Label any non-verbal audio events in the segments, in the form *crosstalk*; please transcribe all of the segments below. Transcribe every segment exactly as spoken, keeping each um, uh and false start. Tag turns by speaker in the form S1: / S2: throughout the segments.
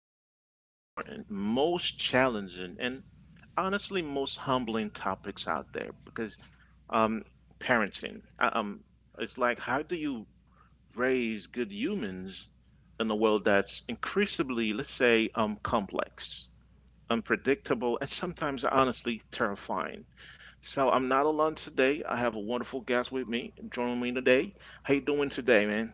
S1: of the most important, most challenging, and honestly most humbling topics out there because um, parenting. Uh, Um, it's like how do you raise good humans in a world that's increasingly, let's say, um, complex, unpredictable, and sometimes honestly terrifying. So I'm not alone today. I have a wonderful guest with me joining me today. How you doing today, man?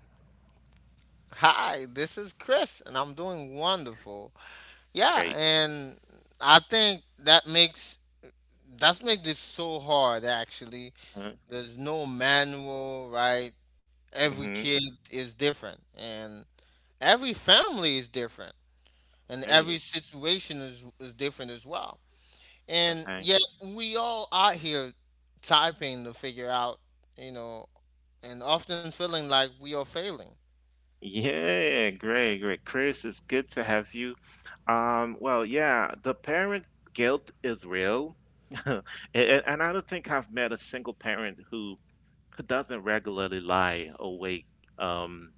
S2: Hi, this is Chris, and I'm doing wonderful. Yeah,
S1: Great.
S2: and I think that makes That's makes this so hard actually. There's no manual, right? Every
S1: Mm-hmm.
S2: kid is different, and every family is different, and every
S1: Hey,
S2: situation is is different as well. And
S1: okay.
S2: yet we all out here typing to figure out, you know, and often feeling like we are failing.
S1: Yeah, great, great. Chris, it's good to have you. Um, well, yeah, the parent guilt is real. *laughs* And, and I don't think I've met a single parent who who doesn't regularly lie awake um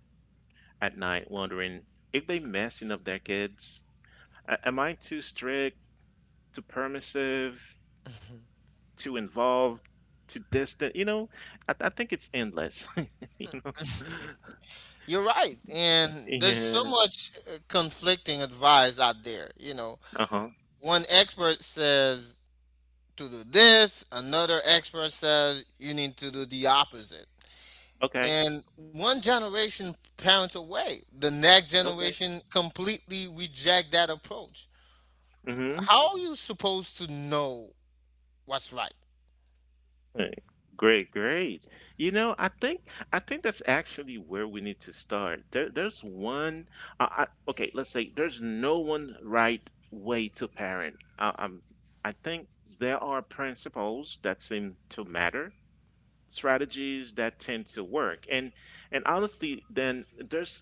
S1: at night wondering if they messing up their kids. A- Am I too strict, too permissive, too involved, too distant? You know, I, I think it's endless. *laughs* You know?
S2: You're right. And there's so
S1: Yeah.
S2: much uh, conflicting advice out there. You know,
S1: Uh-huh.
S2: one expert says to do this, another expert says you need to do the opposite.
S1: Okay.
S2: And one generation parents away, the next
S1: Okay.
S2: generation completely reject that approach.
S1: Mhm.
S2: How are you supposed to know what's right?
S1: Right. Great, great. You know, I think I think that's actually where we need to start. There, there's one. Uh, I- okay, let's say there's no one right way to parent. Uh, um, I think there are principles that seem to matter, strategies that tend to work, and and honestly, then there's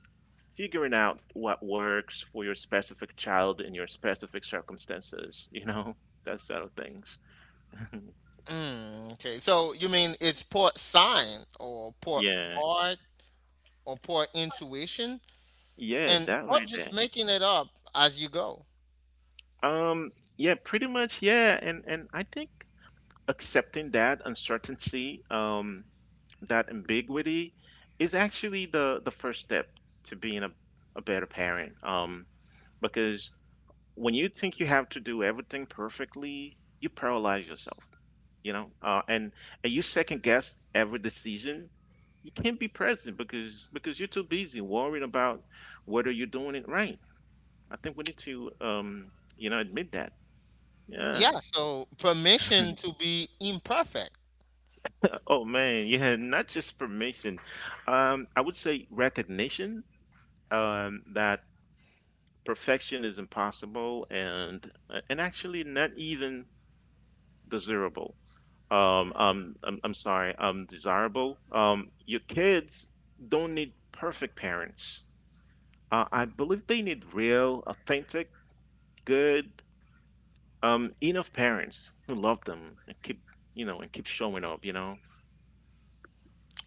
S1: figuring out what works for your specific child in your specific circumstances. You know, *laughs* that sort of things. *laughs*
S2: Mm, okay, so you mean it's poor sign or poor
S1: Yeah.
S2: art or poor intuition?
S1: Yeah,
S2: And
S1: that
S2: or
S1: right
S2: just
S1: there.
S2: making it up as you go.
S1: Um, yeah, pretty much, yeah, and and I think accepting that uncertainty, um, that ambiguity is actually the the first step to being a, a better parent. Um, because when you think you have to do everything perfectly, you paralyze yourself, you know, uh, and and you second guess every decision. You can't be present because because you're too busy worrying about whether you're doing it right. I think we need to, um, you know, admit that. Yeah.
S2: Yeah, so
S1: *laughs*
S2: permission to be imperfect.
S1: Uh, Oh man, *laughs* yeah, not just permission. Um, I would say recognition, um, that perfection is impossible and uh, and actually not even desirable. Um, um, I'm, I'm sorry, um, desirable. Um, your kids don't need perfect parents. Uh, I believe they need real, authentic, good, um, enough parents who love them and keep, you know, and keep showing up, you know.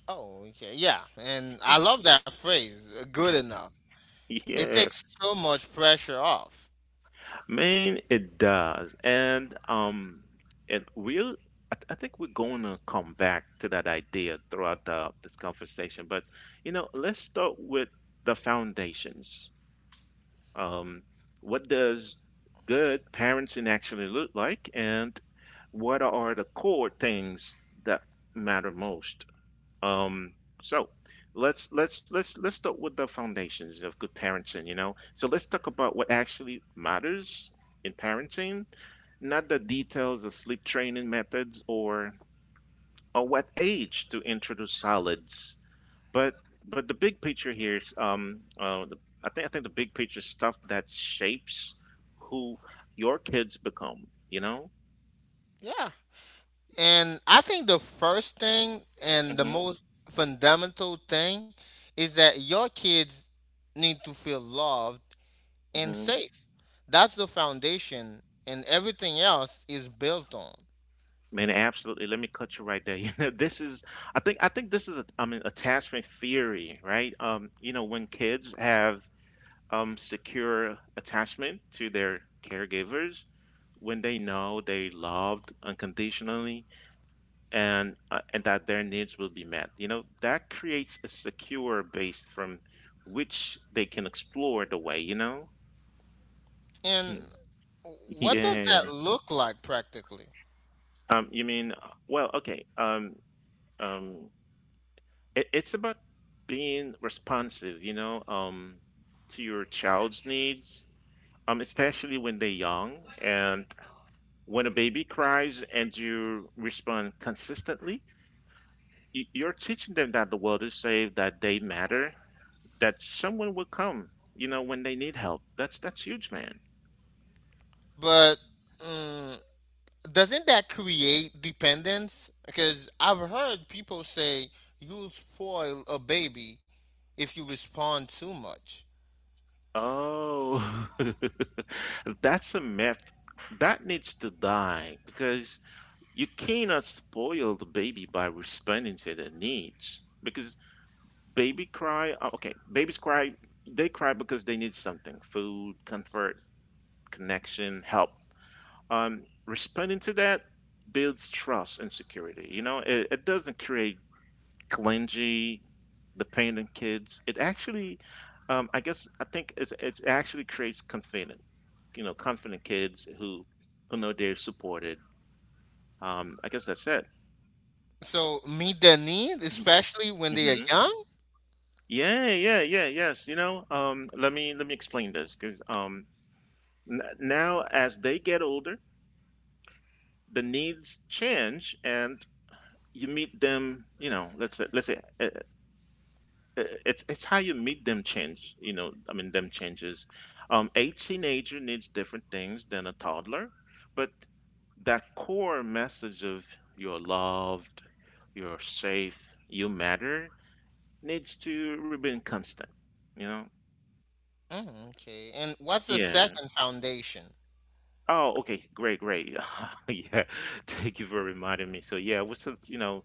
S2: Oh, okay. Yeah, and I
S1: *laughs*
S2: love that phrase, uh, good enough. It
S1: Yeah,
S2: takes so much pressure off.
S1: man, it does, and um, and we'll. I, th- I think we're going to come back to that idea throughout the, this conversation, but you know, let's start with the foundations. Um, what does good parenting actually look like, and what are the core things that matter most? Um, so let's let's let's let's start with the foundations of good parenting, you know. So let's talk about what actually matters in parenting, not the details of sleep training methods or or what age to introduce solids, but but the big picture here is um uh, the, I think I think the big picture is stuff that shapes who your kids become, you know.
S2: Yeah. And I think the first thing and the
S1: hmm
S2: most fundamental thing is that your kids need to feel loved and
S1: hmm
S2: safe. That's the foundation, and everything else is built on.
S1: Man, absolutely. Let me cut you right there. *laughs* You know, this is, I think, I think this is, a, I mean, attachment theory, right? Um, you know, when kids have um secure attachment to their caregivers, when they know they loved unconditionally and uh, and that their needs will be met, you know, that creates a secure base from which they can explore the way, you know? *laughs*
S2: And
S1: Hmm.
S2: what does that
S1: Yeah.
S2: look like practically?
S1: Um, you mean, uh, well, okay. Um, um, it, it's about being responsive, you know, um, to your child's needs, um, especially when they're young. And when a baby cries and you respond consistently, y- you're teaching them that the world is safe, that they matter, that someone will come, you know, when they need help. That's that's huge, man.
S2: But mm, doesn't that create dependence? Because I've heard people say you'll spoil a baby if you respond too much.
S1: Oh, *laughs* that's a myth that needs to die because you cannot spoil the baby by responding to their needs because baby cry, uh, okay, babies cry, they cry because they need something, food, comfort, connection, help. Um, responding to that builds trust and security. You know, it, it doesn't create clingy, dependent kids. It actually, um, I guess, I think it's, it's actually creates confident. you know confident kids who who know they're supported. Um i guess that's it.
S2: So meet their need, especially when they are
S1: hmm
S2: young.
S1: Yeah, yeah, yeah, yes. You know, um, let me let me explain this because um, n now as they get older, the needs change, and you meet them. You know, let's say let's say uh, uh, it's it's how you meet them change. You know, I mean, them changes. Um, a teenager needs different things than a toddler, but that core message of you're loved, you're safe, you matter needs to remain constant. You know?
S2: Mm, okay. And what's the
S1: Yeah.
S2: second foundation?
S1: Oh, okay. Great, great. *laughs* Yeah. Thank you for reminding me. So yeah, we're still, you know,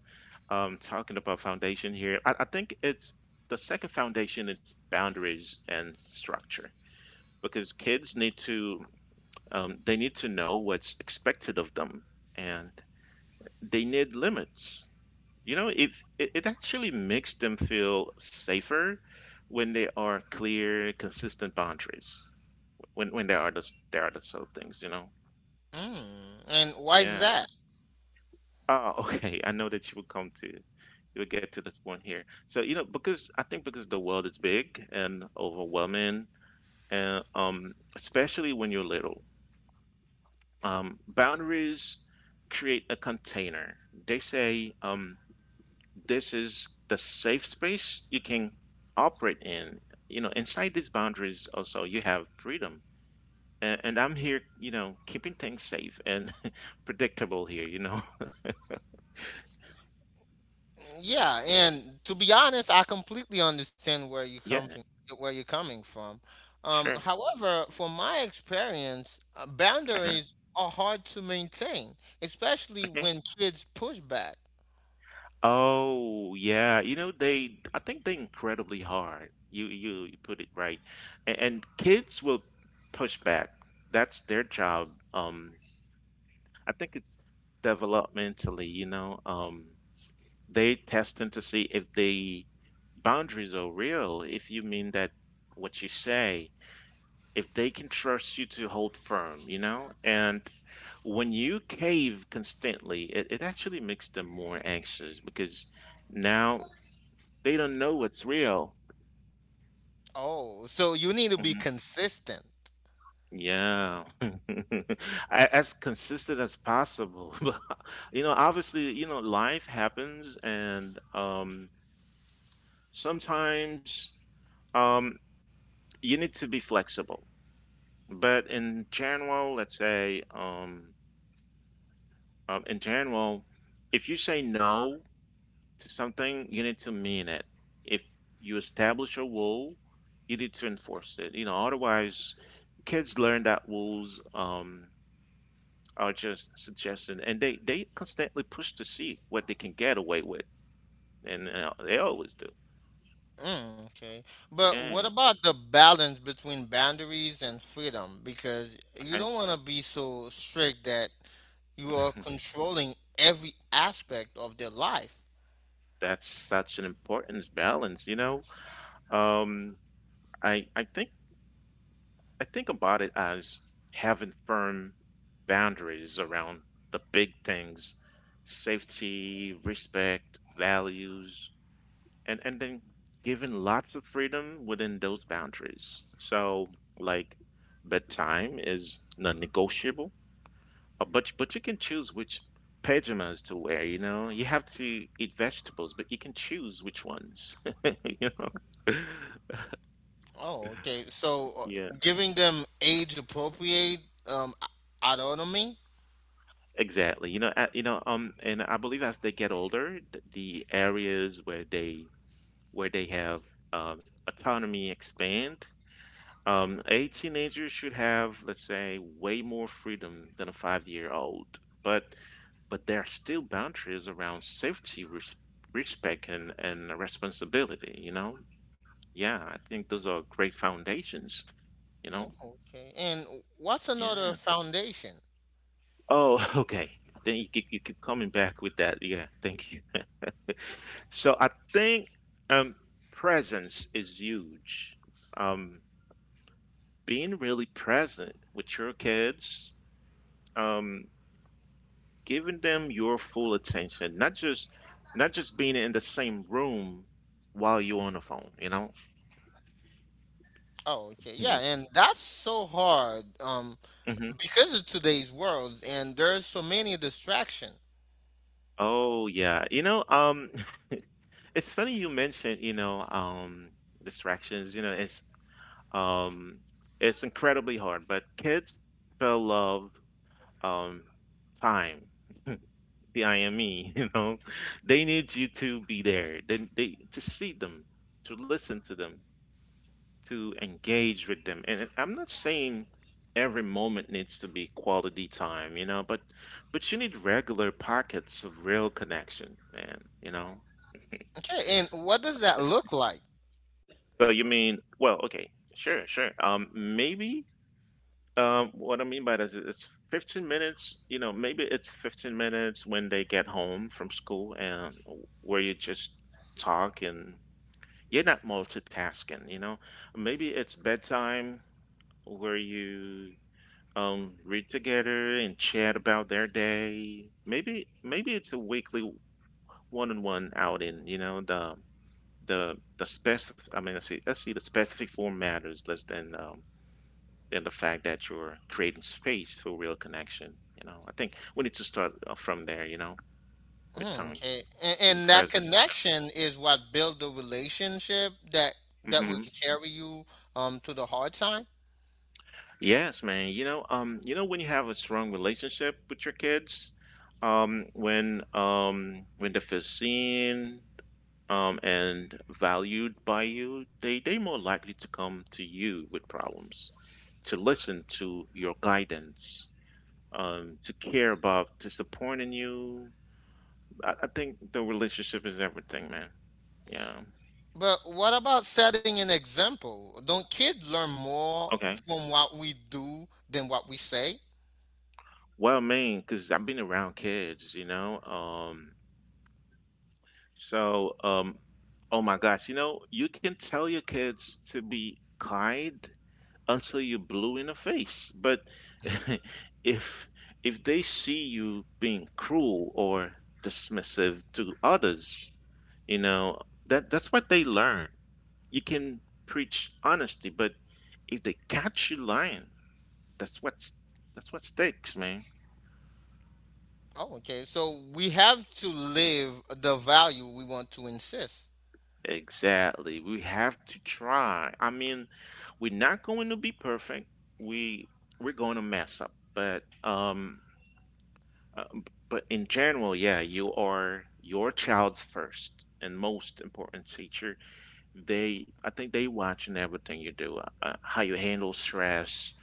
S1: um, talking about foundation here. I, I think it's the second foundation is boundaries and structure because kids need to, um, they need to know what's expected of them and they need limits. You know, if it, it actually makes them feel safer when they are clear, consistent boundaries, when when there are those there are those sort of things, you know.
S2: Mm, and why is
S1: Yeah.
S2: that?
S1: Oh, *laughs* okay. I know that you will come to, you will get to this point here. So, you know, because I think because the world is big and overwhelming, and um, especially when you're little, um, boundaries create a container. They say, um, this is the safe space you can operate in. You know, inside these boundaries also you have freedom. And, and I'm here, you know, keeping things safe and *laughs* predictable here, you know.
S2: Yeah, and to be honest, I completely understand where you
S1: *laughs* Yeah,
S2: come from, where you're coming from. Um,
S1: sure.
S2: however, from my experience, uh,
S1: Uh-huh.
S2: boundaries are hard to maintain, especially
S1: Okay.
S2: when kids push back.
S1: Oh yeah, you know they. I think they incredibly hard. You you, you put it right, and, and kids will push back. That's their job. Um, I think it's developmentally. You know, um, they testing to see if the boundaries are real. If you mean that what you say, if they can trust you to hold firm. You know, and when you cave constantly, it, it actually makes them more anxious because now they don't know what's real.
S2: Oh, so you need to be
S1: Mhm.
S2: consistent.
S1: Yeah. *laughs* A- As consistent as possible. *laughs* But, you know, obviously, you know, life happens and um sometimes um you need to be flexible. But in general, let's say um, um in general, if you say no to something, you need to mean it. If you establish a rule, you need to enforce it. You know, otherwise kids learn that rules. Um, are just suggesting, and they they constantly push to see what they can get away with, and uh, they always do.
S2: Mm, okay. But what
S1: Yeah,
S2: about the balance between boundaries and freedom? Because you
S1: okay.
S2: don't want to be so strict that you are controlling every aspect of their life.
S1: *laughs* That's such an important balance, you know. Um, I I think I think about it as having firm boundaries around the big things, safety, respect, values, and and then giving lots of freedom within those boundaries. So like bedtime is non-negotiable. Uh, But but you can choose which pajamas to wear, you know. You have to eat vegetables, but you can choose which ones. *laughs* You know.
S2: Oh, okay. So
S1: Yeah,
S2: uh, giving them age appropriate um, a- autonomy.
S1: exactly. You know, uh, you know, um, and I believe as they get older, th- the areas where they where they have um, autonomy expand. Um, a teenager should have, let's say, way more freedom than a five-year-old, but but there are still boundaries around safety, res respect, and and responsibility. You know. Yeah, I think those are great foundations, you
S2: Oh,
S1: know?
S2: okay. And what's another
S1: Yeah.
S2: foundation?
S1: Oh, *laughs* okay. Then you keep, you keep coming back with that. Yeah, thank you. So I think, um, presence is huge. Um, Being really present with your kids, um, giving them your full attention, not just not just being in the same room while you're on the phone, you know?
S2: Oh, okay. Yeah, and that's so hard um,
S1: hmm
S2: because of today's world, and there's so many distraction.
S1: Oh yeah. You know, um, it's funny you mentioned, you know, um, distractions. You know, it's um, it's incredibly hard, but kids still love, um, time, the I M E. *laughs* You know, they need you to be there. They, they to see them, to listen to them, to engage with them. And I'm not saying every moment needs to be quality time, you know, but but you need regular pockets of real connection, man. You know.
S2: Okay, and what does that look like?
S1: So you mean, well, okay, sure, sure. Um, maybe, um, what I mean by this is it's fifteen minutes, you know, maybe it's fifteen minutes when they get home from school and where you just talk and you're not multitasking, you know. Maybe it's bedtime where you, um, read together and chat about their day. Maybe maybe it's a weekly one-on-one outing, you know, the the the specific I mean, I see, I see the specific form matters less than um, than the fact that you're creating space for real connection. You know, I think we need to start, uh, from there. You know, with
S2: Mm,
S1: time,
S2: okay, and,
S1: being
S2: and that
S1: present
S2: connection is what build the relationship that
S1: with
S2: that
S1: them. hmm
S2: will carry you um, to the hard time.
S1: Yes, man. You know, um, you know when you have a strong relationship with your kids, um, when um, when they feel seen um, and valued by you, they they more likely to come to you with problems, to listen to your guidance, um, to care about disappointing you, I, I think the relationship is everything, man. Yeah.
S2: But what about setting an example? Don't kids learn more
S1: Okay.
S2: from what we do than what we say?
S1: Well, I mean, because I've been around kids, you know. Um, so, um, oh my gosh, you know, you can tell your kids to be kind until you're blue in the face, but *laughs* if if they see you being cruel or dismissive to others, you know, that that's what they learn. You can preach honesty, but if they catch you lying, That's what's that's what stakes, man.
S2: Oh, okay. So we have to live the value we want to insist.
S1: Exactly. We have to try. I mean, we're not going to be perfect. We we're going to mess up, but um, uh, b- but in general, yeah, you are your child's first and most important teacher. They, I think they watching everything you do, uh, uh, how you handle stress,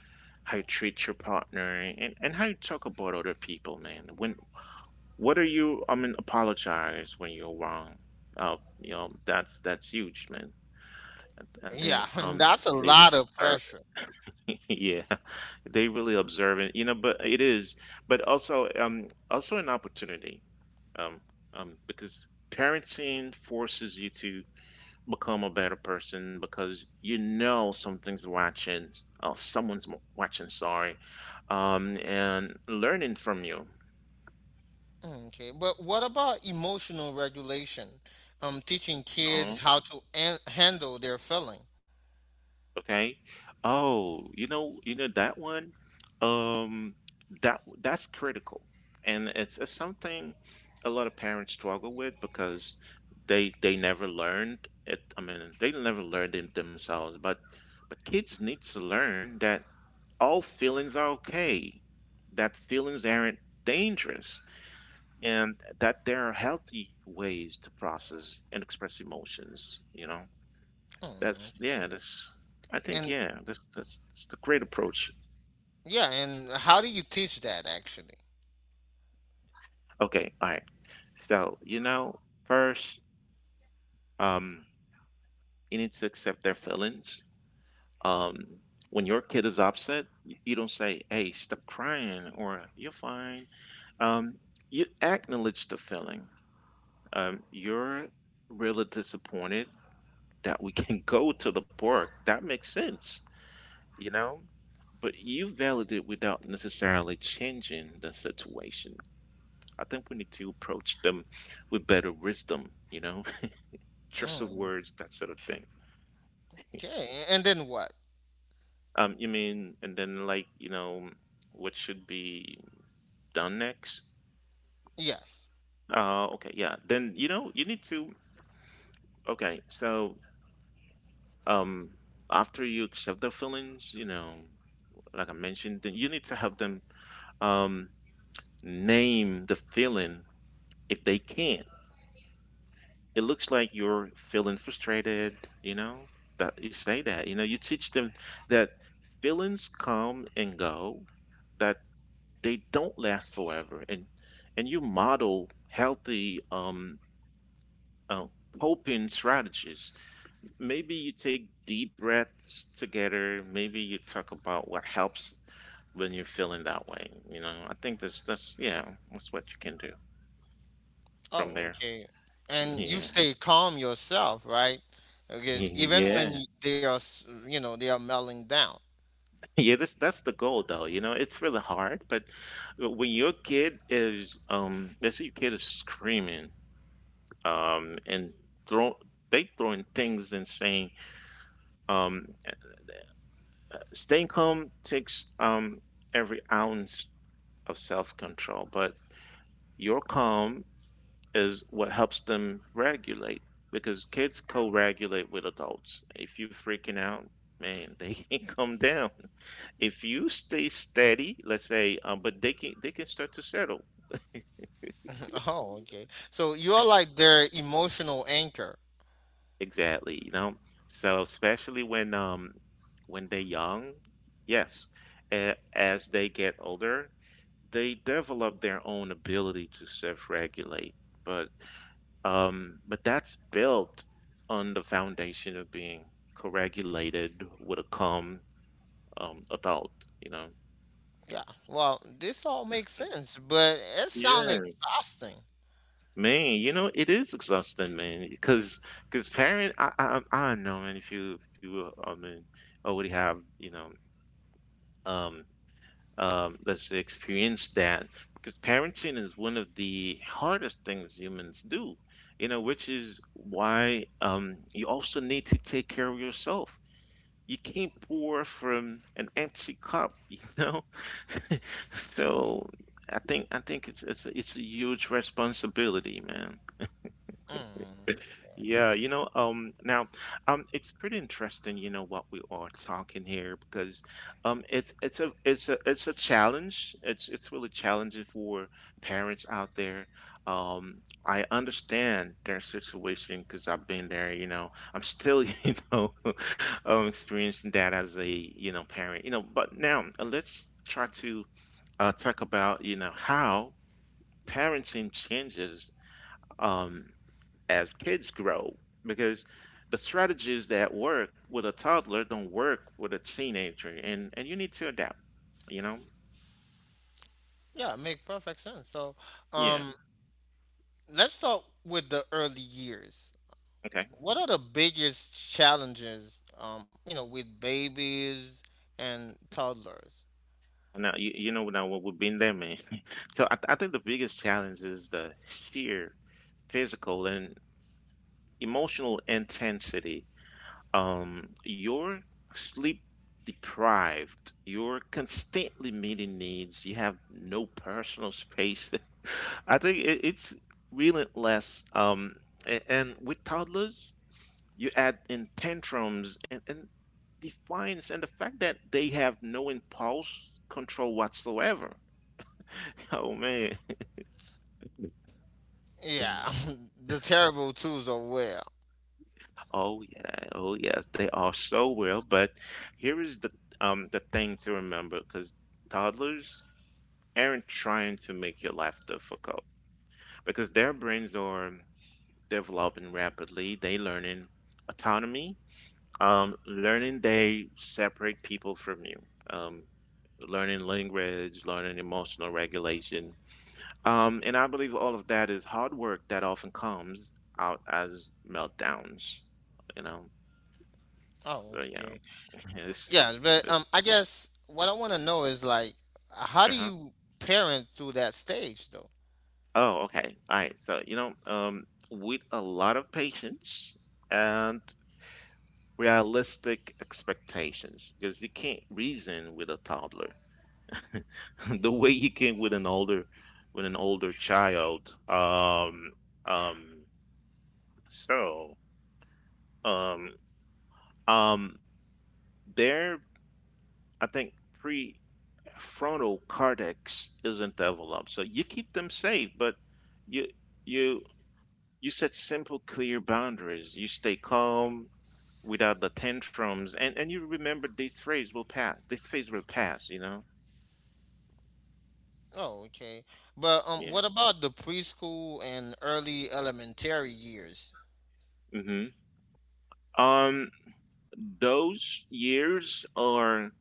S1: how you treat your partner, and and how you talk about other people, man. When what are you I mean apologize when you're wrong uh you know that's that's huge, man. I
S2: Yeah,
S1: think
S2: *laughs* and
S1: um
S2: that's a
S1: they
S2: lot of
S1: observe.
S2: pressure.
S1: *laughs* Yeah, they really observe, you know, but it is, but also um also an opportunity, um um because parenting forces you to become a better person because you know something's watching. Oh, someone's mo- watching sorry um and learning from you.
S2: Mm, Okay, but what about emotional regulation? Um, teaching
S1: Uh-huh.
S2: kids how to an- handle their feeling.
S1: Okay. Oh, you know, you know that one. Um, that that's critical, and it's, it's something a lot of parents struggle with because they they never learned it. I mean, they never learned it themselves. But but kids need to learn that all feelings are okay, that feelings aren't dangerous, and that there are healthy ways to process and express emotions. You know.
S2: Mm.
S1: That's yeah. That's I
S2: And
S1: think yeah. That's that's, that's the great approach.
S2: yeah, and how do you teach that actually?
S1: Okay, all right. So you know, first, um, you need to accept their feelings. Um, when your kid is upset, y- you don't say, "Hey, stop crying," or "You're fine." Um, you acknowledge the feeling. Um, you're really disappointed that we can *laughs* go to the park. That makes sense, you know. But you validate without necessarily changing the situation. I think we need to approach them with better wisdom, you know, *laughs* choice of
S2: Mm.
S1: words, that sort of thing.
S2: Okay, and then what?
S1: Um, you mean, and then like, you know, what should be done next?
S2: Yes.
S1: Uh, okay, yeah. Then, you know, you need to, okay, so um, after you accept their feelings, you know, like I mentioned, then you need to have them um, name the feeling if they can. It looks like you're feeling frustrated, you know, that you say that, you know, you teach them that feelings come and go, that they don't last forever. And, and you model healthy, um, uh, coping strategies. Maybe you take deep breaths together. Maybe you talk about what helps when you're feeling that way. You know, I think that's, that's, yeah, that's what you can do from
S2: Oh,
S1: there.
S2: okay. And you
S1: Yeah.
S2: stay calm yourself, right? Because
S1: *laughs*
S2: even when
S1: Yeah.
S2: y- they are, s- you know, they are melting down.
S1: Yeah, that's that's the goal, though. You know, it's really hard, but when your kid is, um, let's say your kid is screaming, um, and throw they throwing things and saying, um, staying calm takes um every ounce of self-control, but your calm is what helps them regulate because kids co-regulate with adults. If you're freaking out, man, they *laughs* can't calm down. If you stay steady, let's say, um, but they can they can start to settle.
S2: *laughs* Oh, okay. So you are like their emotional anchor.
S1: Exactly, you know. So especially when um when they're young, yes, a- as they get older, they develop their own ability to self-regulate. But um but that's built on the foundation of being co-regulated with a calm um adult, you know.
S2: Yeah. Well, this all makes sense, but it sounds exhausting.
S1: Man, you know, it is exhausting, man. Because, because parent, I, I, I don't know, man. If you, if you, I mean, already have, you know, um, um, let's say experience that. Because parenting is one of the hardest things humans do, you know, which is why, um, you also need to take care of yourself. You can't pour from an empty cup, you know. *laughs* So I think, I think it's, it's, a- it's a huge responsibility, man.
S2: Mm.
S1: Yeah, you know, um, now, um, it's pretty interesting, you know, what we are talking here because, um, it's it's a it's a it's a challenge. It's it's really challenging for parents out there. Um, I understand their situation because I've been there. You know, I'm still, *laughs* you know, um, experiencing that as a you know parent. You know, but now uh, let's try to uh, talk about you know how parenting changes. Um, as kids grow because the strategies that work with a toddler don't work with a teenager, and and you need to adapt, you know.
S2: Yeah, make perfect sense. So,
S1: Yeah,
S2: um, let's start with the early years.
S1: okay.
S2: What are the biggest challenges, um, you know, with babies and toddlers?
S1: Now you, you know now what, we've been there, man. *laughs* So I, I think the biggest challenge is the sheer physical and emotional intensity. um, you're sleep deprived, you're constantly meeting needs, you have no personal space. *laughs* I think it, it's relentless. Um, and, and with toddlers, you add in tantrums and, and defiance, and the fact that they have no impulse control whatsoever. *laughs* Oh man.
S2: Yeah, *laughs* the terrible twos are where.
S1: Oh yeah. Oh yes. They are so well. But here is the um the thing to remember, because toddlers aren't trying to make your life difficult because their brains are developing rapidly. They learning autonomy, um, learning they separate people from you, um, learning language, learning emotional regulation, um, and I believe all of that is hard work that often comes out as meltdowns. You know, so
S2: Oh,
S1: yeah,
S2: okay.
S1: *laughs* it's,
S2: Yeah,
S1: it's,
S2: but
S1: it's,
S2: um, I guess what I want to know is like, how do
S1: uh-huh.
S2: you parent through that stage though?
S1: Oh, okay. All right. So, you know, um, with a lot of patience and realistic expectations because you can't reason with a toddler *laughs* the way you can with an older with an older child. um um so um um their I think prefrontal cortex isn't developed, so you keep them safe, but you you you set simple clear boundaries, you stay calm without the tantrums, and and you remember this phase will pass this phase will pass, you know.
S2: Oh, okay. But um,
S1: Yeah.
S2: what about the preschool and early elementary years?
S1: hmm Um, those years are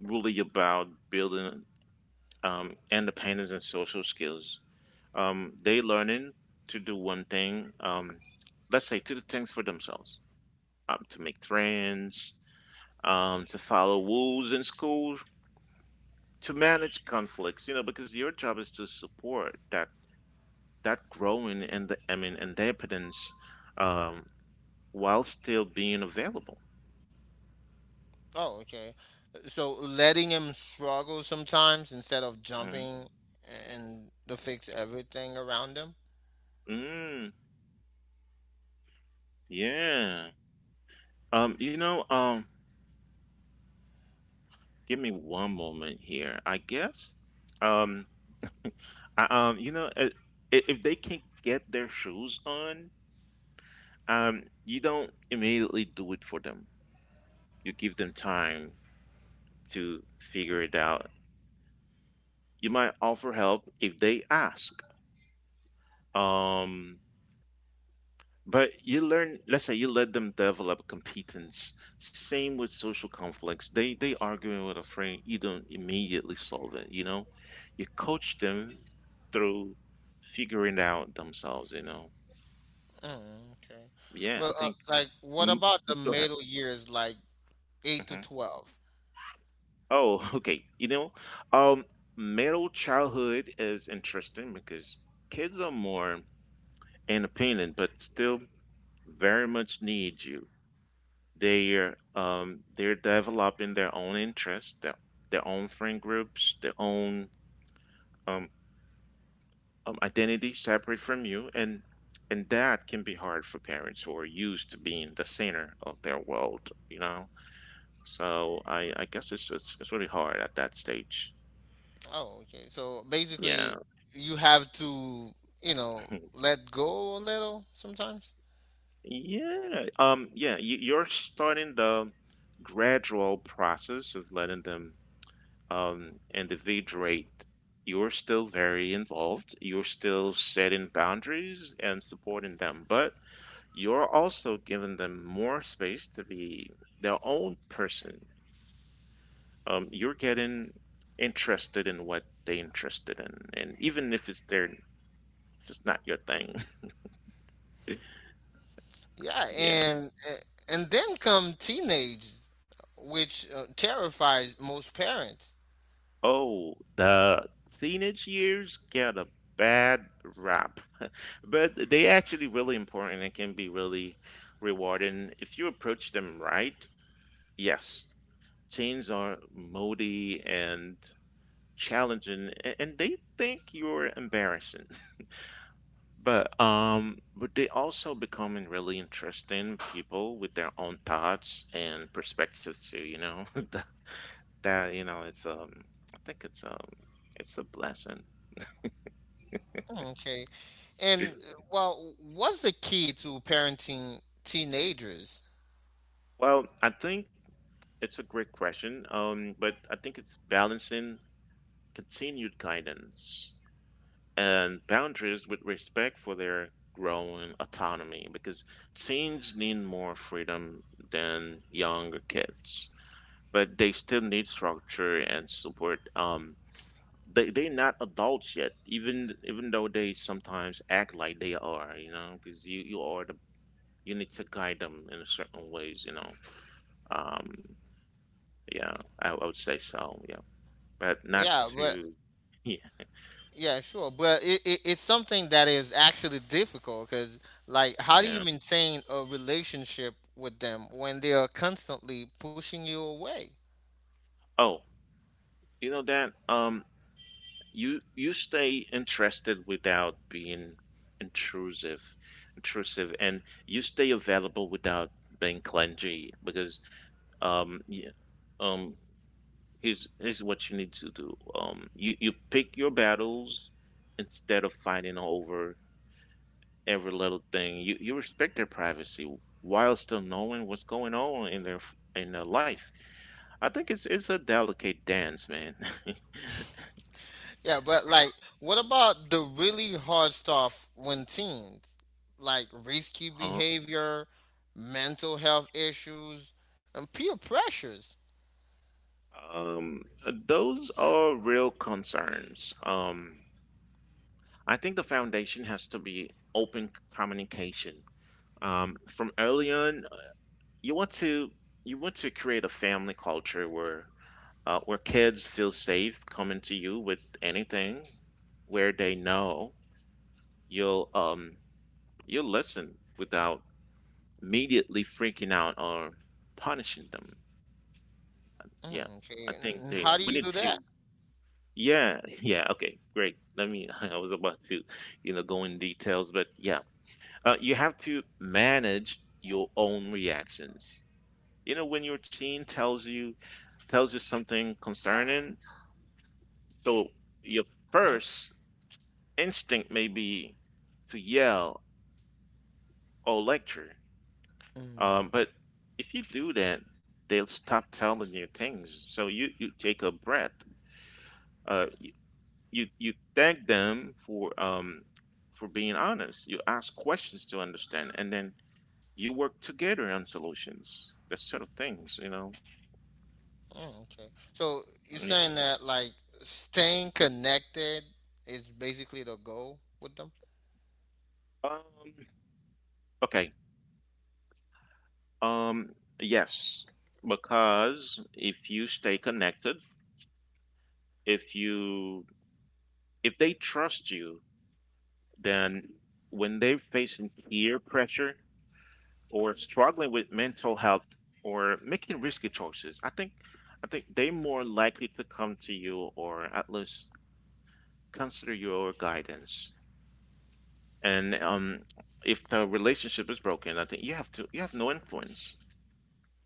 S1: really about building um, independence and social skills. Um, they learning to do one thing. Um, let's say to do things for themselves, um, to make friends, um, to follow rules in school, to manage conflicts. You know, because your job is to support that that growing and the I mean independence, um, while still being available.
S2: Oh, okay. So letting him struggle sometimes instead of
S1: Mhm.
S2: jumping and to fix everything around him.
S1: Mm. Yeah. Um, you know, um, give me one moment here. I guess, um, I, um, you know, uh, i- if they can get their shoes on, um, you don't immediately do it for them. You give them time to figure it out. You might offer help if they ask. Um, But you learn, let's say you let them develop competence. Same with social conflicts. They they arguing with a friend, you don't immediately solve it, you know? You coach them through figuring it out themselves, you know?
S2: Mm, okay.
S1: Yeah, I
S2: But uh,
S1: think
S2: like, what
S1: mm,
S2: about the
S1: go ahead.
S2: middle years, like eight to
S1: Mhm.
S2: twelve?
S1: Oh, *laughs* okay. You know, um, middle childhood is interesting because kids are more independent, but still very much need you. They're um, they're developing their own interests, their, their own friend groups, their own um, um, identity separate from you, and and that can be hard for parents who are used to being the center of their world, you know. So I, I guess it's, it's it's really hard at that stage.
S2: Oh, okay. So
S1: Yeah.
S2: basically, you have to, you know,
S1: *laughs*
S2: let go a little sometimes.
S1: Yeah. Um, yeah, you, you're starting the gradual process of letting them um, individuate. You're still very involved. You're still setting boundaries and supporting them, but you're also giving them more space to be their own person. Um, you're getting interested in what they're interested in, and even if it's their, if it's not your thing,
S2: Yeah,
S1: *laughs* yeah.
S2: and eh, and then come teenage, which uh, terrifies most parents.
S1: Oh, the teenage years get a bad rap. But they actually really important and can be really rewarding if you approach them right. Yes, chains are moody and challenging, a- and they think you're embarrassing. *laughs* But um, but they also becoming really interesting people with their own thoughts and perspectives too. You know *laughs* that that, you know it's um I think it's um it's a blessing.
S2: Hmm, okay. And well, what's the key to parenting teenagers?
S1: Well, I think it's a great question. Um, but I think it's balancing continued guidance and boundaries with respect for their growing autonomy because teens need more freedom than younger kids, but they still need structure and support. Um, they they're not adults yet, even even though they sometimes act like they are, you know, because you you are the you need to guide them in certain ways, you know. Um, yeah, I, I would say so. Yeah, but not
S2: Yeah, but
S1: to *laughs* yeah
S2: yeah, sure. But it, it, it's something that is actually difficult because, like, how do you
S1: yeah.
S2: maintain a relationship with them when they are constantly pushing you away?
S1: Oh, you know that um you you stay interested without being intrusive, intrusive, and you stay available without being clingy because um yeah, um here's here's what you need to do. Um you you pick your battles instead of fighting over every little thing. You you respect their privacy while still knowing what's going on in their in their life. I think it's it's a delicate dance, man.
S2: Yeah, but like, what about the really hard stuff when teens? Like risky
S1: *laughs*
S2: behavior, mental health issues, and peer pressures.
S1: Um, those are real concerns. Um, I think the foundation has to be open communication. Um, from early on, you want to you want to create a family culture where uh, where kids feel safe coming to you with anything, where they know you'll um you'll listen without immediately freaking out or punishing them. Yeah,
S2: Mm,
S1: I
S2: okay,
S1: think
S2: and how
S1: they
S2: do
S1: we
S2: you do
S1: need
S2: that?
S1: to. Yeah, yeah, okay, great. Let me, *laughs* I was about to, you know, go in details, but yeah, uh, you have to manage your own reactions. You know, when your teen tells you tells you something concerning, so your
S2: hmm
S1: first instinct may be to yell or lecture.
S2: Mm,
S1: Um, but if you do that, they'll stop telling you things. So you, you take a breath. Uh, you you thank them for um for being honest. You ask questions to understand, and then you work together on solutions, that sort of things, you know.
S2: mm, okay. So you're
S1: Yeah.
S2: saying that like staying connected is basically the goal with them?
S1: um okay. um yes, because if you stay connected, if you if they trust you, then when they're facing peer pressure or struggling with mental health or making risky choices, I think I think they're more likely to come to you, or at least consider your guidance. And um, if the relationship is broken, I think you have to you have no influence.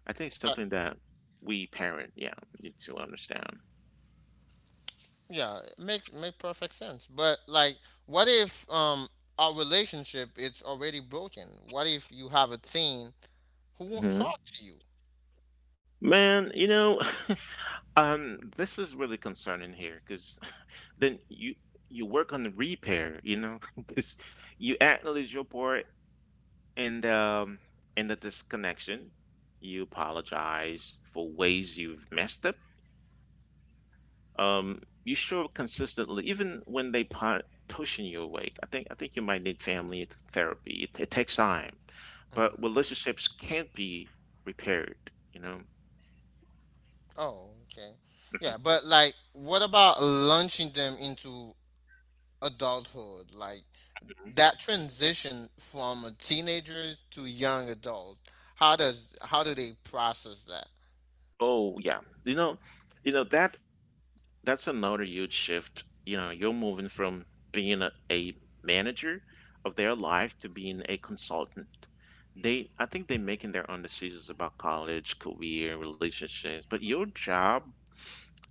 S1: I think it's
S2: Uh,
S1: something that we parent, yeah, need to understand.
S2: yeah, it makes makes perfect sense. But like, what if um our relationship is already broken? What if you have a teen who won't
S1: Hmm.
S2: talk to you.
S1: Man, you know, *laughs* um, this is really concerning here, because then you you work on the repair, you know, *laughs* because you acknowledge your part. And um, in the disconnection, you apologize for ways you've messed up. Um, you show up consistently, even when they pu- pushing you away. I think I think you might need family th- therapy. It, it takes time,
S2: Mm.
S1: but relationships can't be repaired. You know.
S2: Oh, okay. Yeah,
S1: Mhm.
S2: but like, what about launching them into adulthood? Like that transition from a teenagers to young adult. How does how do they process that?
S1: Oh yeah, you know, you know that that's another huge shift. You know, you're moving from being a, a manager of their life to being a consultant. They, I think they're making their own decisions about college, career, relationships, but your job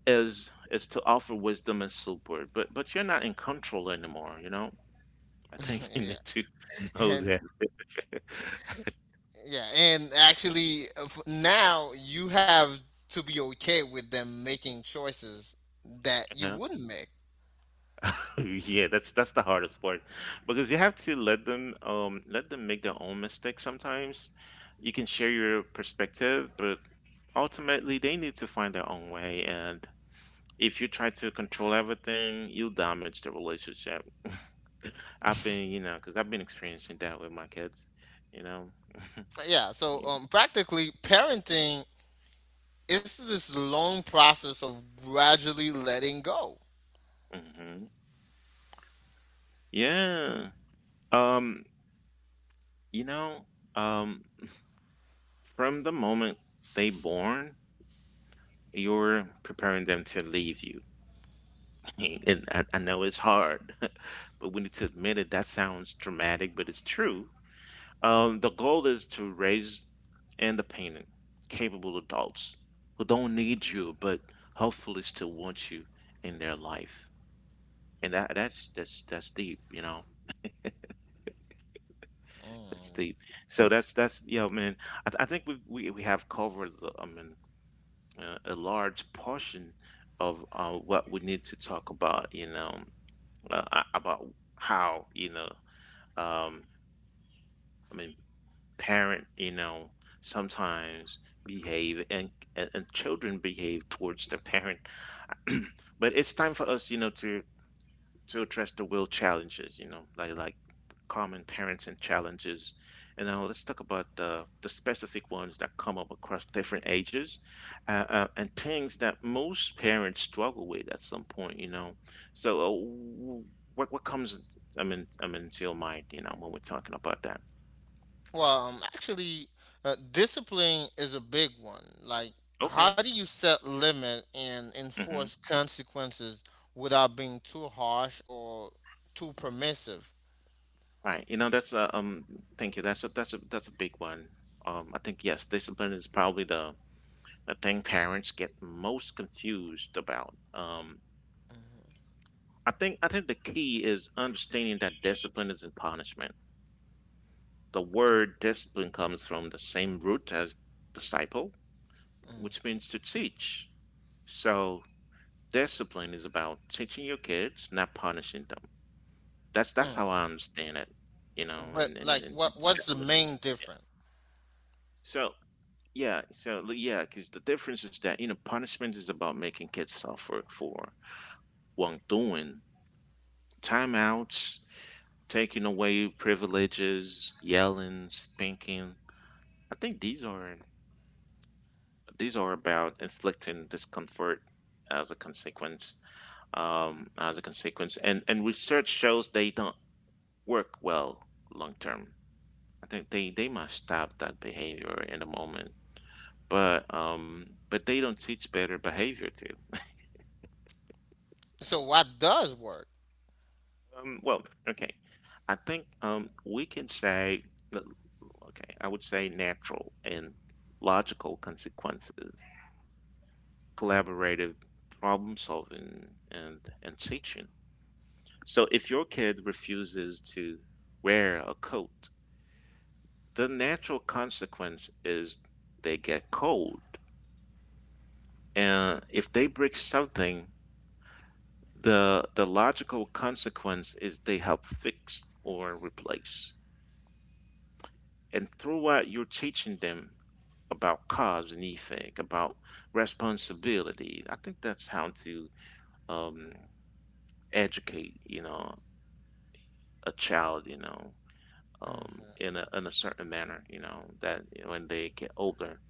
S1: is is to offer wisdom and support. But but you're not in control anymore, you know? I think
S2: *laughs*
S1: *laughs* you need to
S2: Yeah,
S1: know
S2: and
S1: that.
S2: yeah, and actually, uh, f- now you have to be okay with them making choices that you wouldn't make.
S1: *laughs* Yeah, that's that's the hardest part because you have to let them um let them make their own mistakes sometimes. You can share your perspective, but ultimately they need to find their own way, and if you try to control everything, you'll damage the relationship. I've been, you know, because I've been experiencing that with my kids, you know. *laughs*
S2: Yeah, so
S1: Yeah.
S2: um, practically parenting it's this long process of gradually letting go.
S1: Hmm. Yeah. Um, you know, um, from the moment they born, you're preparing them to leave you. *laughs* And I, I know it's hard, *laughs* but we need to admit it. That sounds dramatic, but it's true. Um, the goal is to raise independent, capable adults who don't need you, but hopefully still want you in their life. And that that's that's that's deep, you know. That's
S2: Mm.
S1: deep. So that's that's, you know, man. I, th- I think we we we have covered the, I mean uh, a large portion of uh, what we need to talk about, you know, uh, a- about how, you know, um, I mean, parent, you know, sometimes behave, and and, and children behave towards the parent. *clears throat* But it's time for us, you know, to to address the real challenges, you know, like like common parenting challenges. And now let's talk about the the specific ones that come up across different ages, uh, uh, and things that most parents struggle with at some point, you know. So uh, w- what what comes, I mean I mean, to your mind, you know, when we're talking about that?
S2: Well, um, actually, uh, discipline is a big one. Like, how
S1: Okay.
S2: do you set limit and enforce consequences without being too harsh or too permissive?
S1: Right. You know, that's a um thank you. That's a that's a that's a big one. Um I think yes, discipline is probably the the thing parents get most confused about. Um
S2: Mm,
S1: I think I think the key is understanding that discipline isn't punishment. The word discipline comes from the same root as disciple, which
S2: mm,
S1: means to teach. So discipline is about teaching your kids, not punishing them. That's
S2: mm,
S1: that's how
S2: mm.
S1: I understand it, you know,
S2: But
S1: and and,
S2: like,
S1: and,
S2: what
S1: and
S2: what's
S1: set
S2: the
S1: limits.
S2: main
S1: Yeah.
S2: difference?
S1: So, Yeah, so l- yeah, because the difference is that, you know, punishment is about making kids suffer for wrongdoing, timeouts, taking away privileges, yelling, spanking. I think these are these are about inflicting discomfort as a consequence, um, as a consequence, and and research shows they don't work well long term. I think they they must stop that behavior in the moment, but um, but they don't teach better behavior.
S2: So, what does work?
S1: Um, well, okay. I think um, we can say, that- okay, I would say natural and logical consequences, collaborative problem solving, and, and teaching. So if your kid refuses to wear a coat, the natural consequence is they get cold. And if they break something, the, the logical consequence is they help fix or replace. And through what you're teaching them about cars and effect, about responsibility. I think that's how to um, educate, you know, a child, you know, um, in
S2: hmm
S1: a in a certain manner, you know, that when they get older,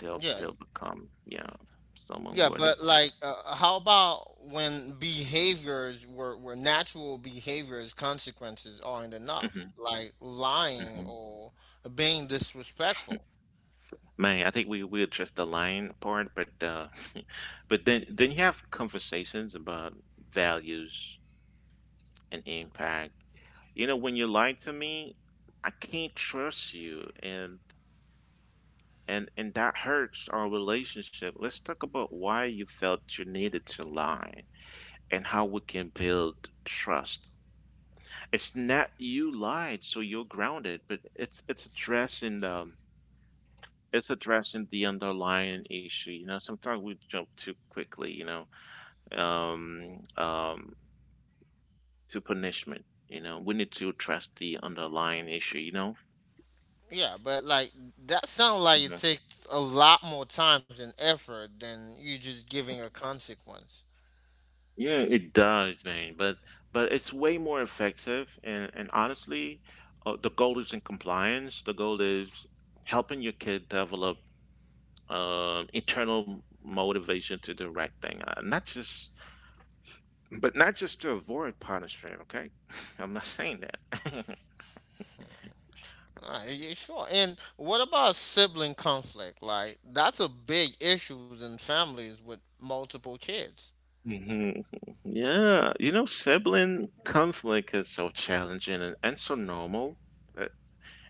S1: they'll
S2: Yeah,
S1: they'll become, you know, someone
S2: yeah,
S1: worthy.
S2: but like, uh, uh, how about when behaviors were were natural behaviors, consequences aren't enough,
S1: Hmm.
S2: like lying
S1: Hmm.
S2: or being disrespectful.
S1: Man, I think we we addressed the lying part, but uh, *laughs* but then then you have conversations about values and impact. You know, when you lie to me, I can't trust you, and and and that hurts our relationship. Let's talk about why you felt you needed to lie and how we can build trust. It's not you lied so you're grounded, but it's it's addressing the it's addressing the underlying issue. You know, sometimes we jump too quickly. You know, um, um, to punishment. You know, we need to address the underlying issue. You know.
S2: Yeah, but like that sounds like it
S1: Mhm.
S2: takes a lot more time and effort than you just giving a consequence.
S1: Yeah, it does, man. But but it's way more effective, and and honestly, uh, the goal isn't compliance. The goal is helping your kid develop um internal motivation to do the right thing, uh, not just but not just to avoid punishment. Okay, *laughs* I'm not saying that.
S2: Alright, yeah, sure. And what about sibling conflict? Like that's a big issues in families with multiple kids.
S1: *laughs* Hmm. Yeah, you know, sibling conflict is so challenging, and, and so normal, uh,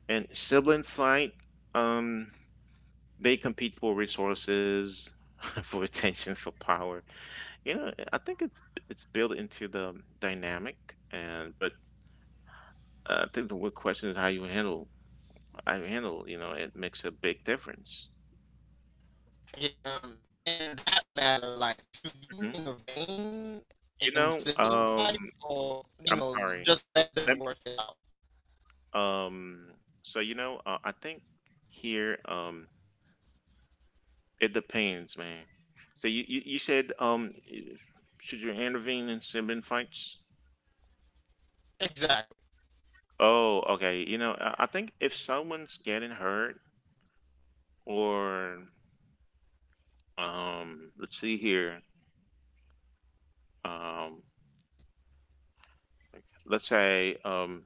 S1: and sibling fight. Um, They compete for resources, *laughs* for attention, for power. You know, I think it's it's built into the dynamic, and but I think the real question is how you handle how you handle. You know, it makes a big difference.
S2: Okay, um, in that matter, like, should you
S1: Hmm.
S2: intervene
S1: You
S2: in
S1: know,
S2: sibling
S1: um,
S2: fights or, you
S1: I'm
S2: know,
S1: sorry.
S2: just let them
S1: Let me,
S2: work it out?
S1: um, so you know, uh, I think here, um, it depends, man. So you you, you said, um, should you intervene in sibling fights?
S2: Exactly.
S1: Oh, okay. You know, I I think if someone's getting hurt, or um, let's see here, um, let's say um,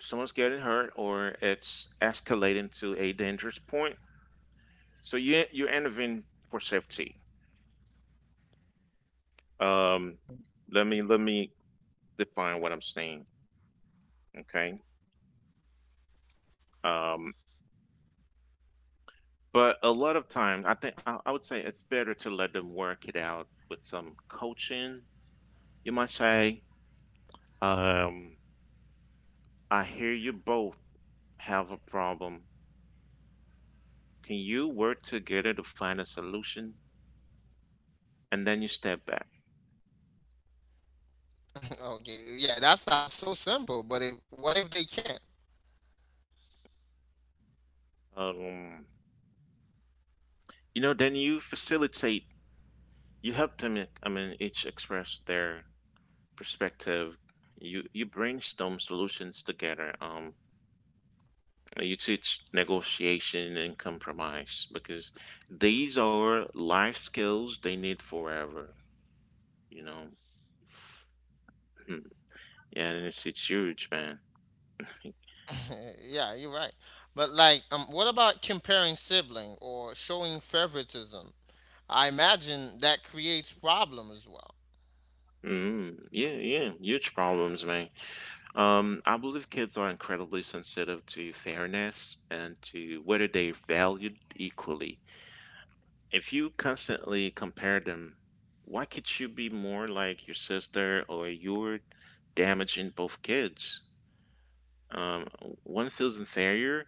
S1: someone's getting hurt, or it's escalating to a dangerous point, so you you intervene for safety. Um, let me Let me define what I'm saying, okay? Um, but a lot of times, I think I, I would say it's better to let them work it out with some coaching, you might say. Um, I hear you both have a problem. Can you work together to find a solution? And then you step back.
S2: *laughs* Okay, yeah, that sounds so simple, but if what if they can't?
S1: Um, you know, then you facilitate. You help them. I mean, each express their perspective. You you brainstorm solutions together. Um, you teach negotiation and compromise because these are life skills they need forever. You know. Hmm. Yeah, and it's it's huge, man.
S2: *laughs* Yeah, you're right. But like, um, what about comparing sibling or showing favoritism? I imagine that creates problem as well.
S1: Mm, yeah, yeah, huge problems, man. Um, I believe kids are incredibly sensitive to fairness and to whether they're valued equally. If you constantly compare them, why could you be more like your sister, or you're damaging both kids? Um, One feels inferior,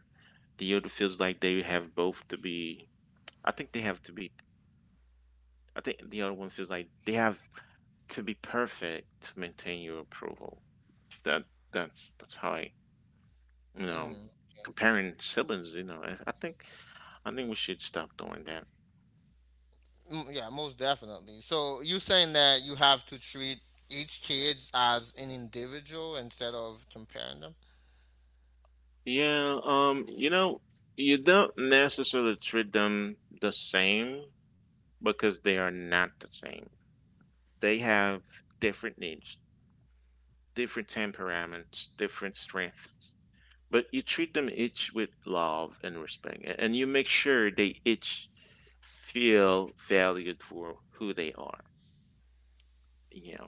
S1: the other feels like they have both to be, I think they have to be, I think the other one feels like they have to be perfect to maintain your approval. That that's that's how I— You know,
S2: Mm.
S1: comparing siblings, you know, I, I think I think we should stop doing that.
S2: Mm, yeah, most definitely. So you saying that you have to treat each kid as an individual instead of comparing them?
S1: Yeah, um, you know, you don't necessarily treat them the same because they are not the same. They have different needs, different temperaments, different strengths. But you treat them each with love and respect, a- and you make sure they each feel valued for who they are. Yeah,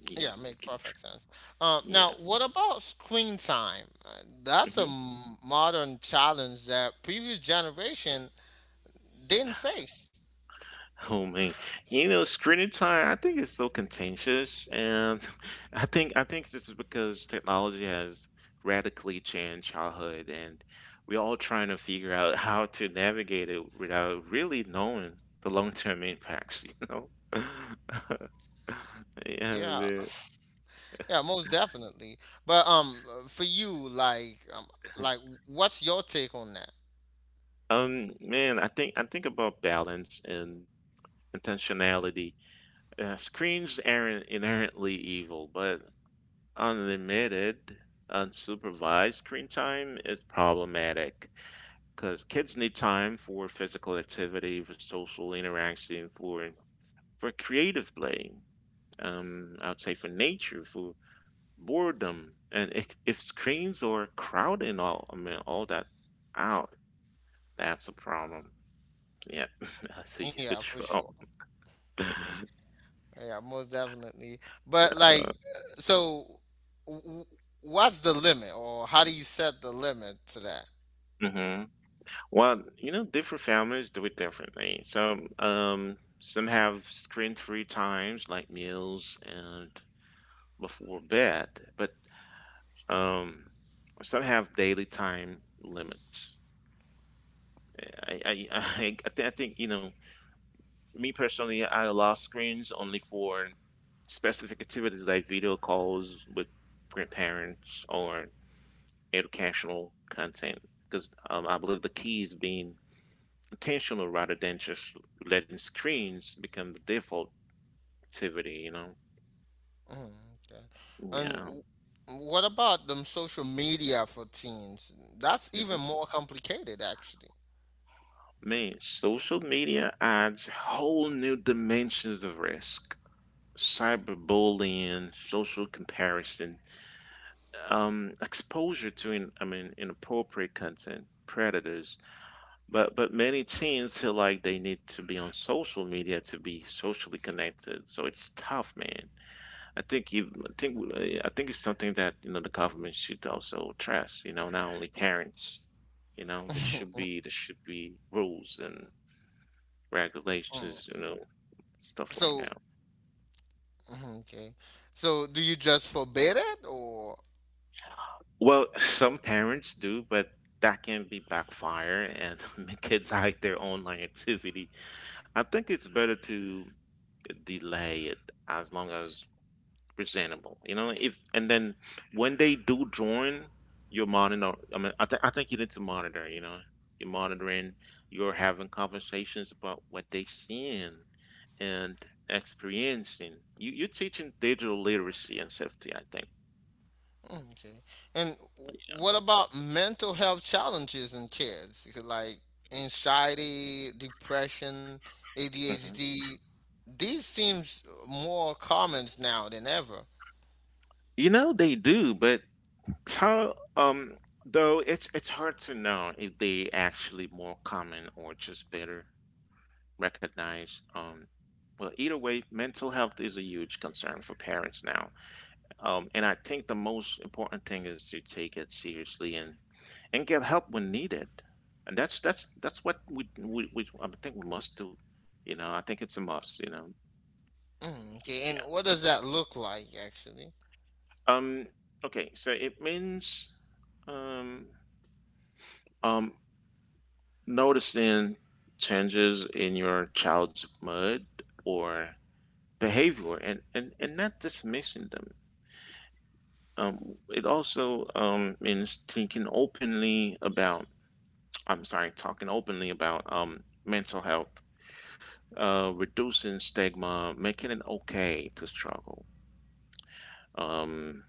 S1: you,
S2: Yeah,
S1: you
S2: make
S1: can,
S2: perfect sense. Um, now,
S1: yeah.
S2: what about screen time? Uh, That's a
S1: Mm-hmm.
S2: m- modern challenge that previous generation didn't face.
S1: *laughs* Oh man, you know, screen time, I think it's so contentious, and *laughs* I think I think this is because technology has radically changed childhood, and we're all trying to figure out how to navigate it without really knowing the long-term impacts, you know? *laughs* Yeah,
S2: Yeah,
S1: man.
S2: yeah, most definitely. But um, for you, like, um, like, what's your take on that?
S1: Um, man, I think I think about balance and intentionality. Uh, screens aren't inherently evil, but unlimited unsupervised screen time is problematic because kids need time for physical activity, for social interaction, for for creative play. Um, I would say for nature, for boredom, and if, if screens are crowding all, I mean, all that out, that's a problem. Yeah, *laughs* that's a
S2: Yeah,
S1: huge
S2: for sure.
S1: problem.
S2: Yeah, most definitely. But like, uh, so w- w- what's the limit, or how do you set the limit to that?
S1: hmm Well, you know, different families do it differently. So, um, some have screen-free times like meals and before bed, but um, some have daily time limits. I, I, *laughs* I, I thi- I think, you know, me personally, I allow screens only for specific activities like video calls with grandparents or educational content, because um, I believe the key is being intentional rather than just letting screens become the default activity, you know?
S2: Mm, okay. And
S1: Yeah.
S2: w- what about them social media for teens? That's
S1: hmm
S2: even more complicated, actually.
S1: Man, social media adds whole new dimensions of risk. Cyberbullying, social comparison, um, exposure to in, I mean inappropriate content, predators. But but many teens feel like they need to be on social media to be socially connected. So it's tough, man. I think you, I think I think it's something that you know the government should also address. You know, not only parents. You know, there should be there should be rules and
S2: Mm.
S1: regulations. You know, stuff like
S2: So,
S1: that.
S2: mhm, okay. So do you just forbid it, or
S1: Well, *laughs* some parents do, but that can be backfire and *laughs* make kids hide their online activity. I think it's better to delay it as long as presentable. You know, if and then when they do join, you're monitor. I mean, I, th- I think you need to monitor. You know, you're monitoring. You're having conversations about what they seeing and experiencing. You you're teaching digital literacy and safety. I think.
S2: okay. And w- what about mental health challenges in kids? You could, like anxiety, depression,
S1: hmm
S2: A D H D. These seems more common now than ever.
S1: You know they do, but tell um though it's it's hard to know if they actually more common or just better. Recognize um, Well, either way, mental health is a huge concern for parents now. Um, and I think the most important thing is to take it seriously, and, and get help when needed. And that's that's that's what we, we, we I think we must do. You know, I think it's a must, you know.
S2: Mm, okay.
S1: Yeah.
S2: And what does that look like actually?
S1: Um okay, so it means um um noticing changes in your child's mood or behavior, and, and, and not dismissing them. Um, it also, um, means thinking openly about, I'm sorry, talking openly about, um, mental health, uh, reducing stigma, making it okay to struggle. Um,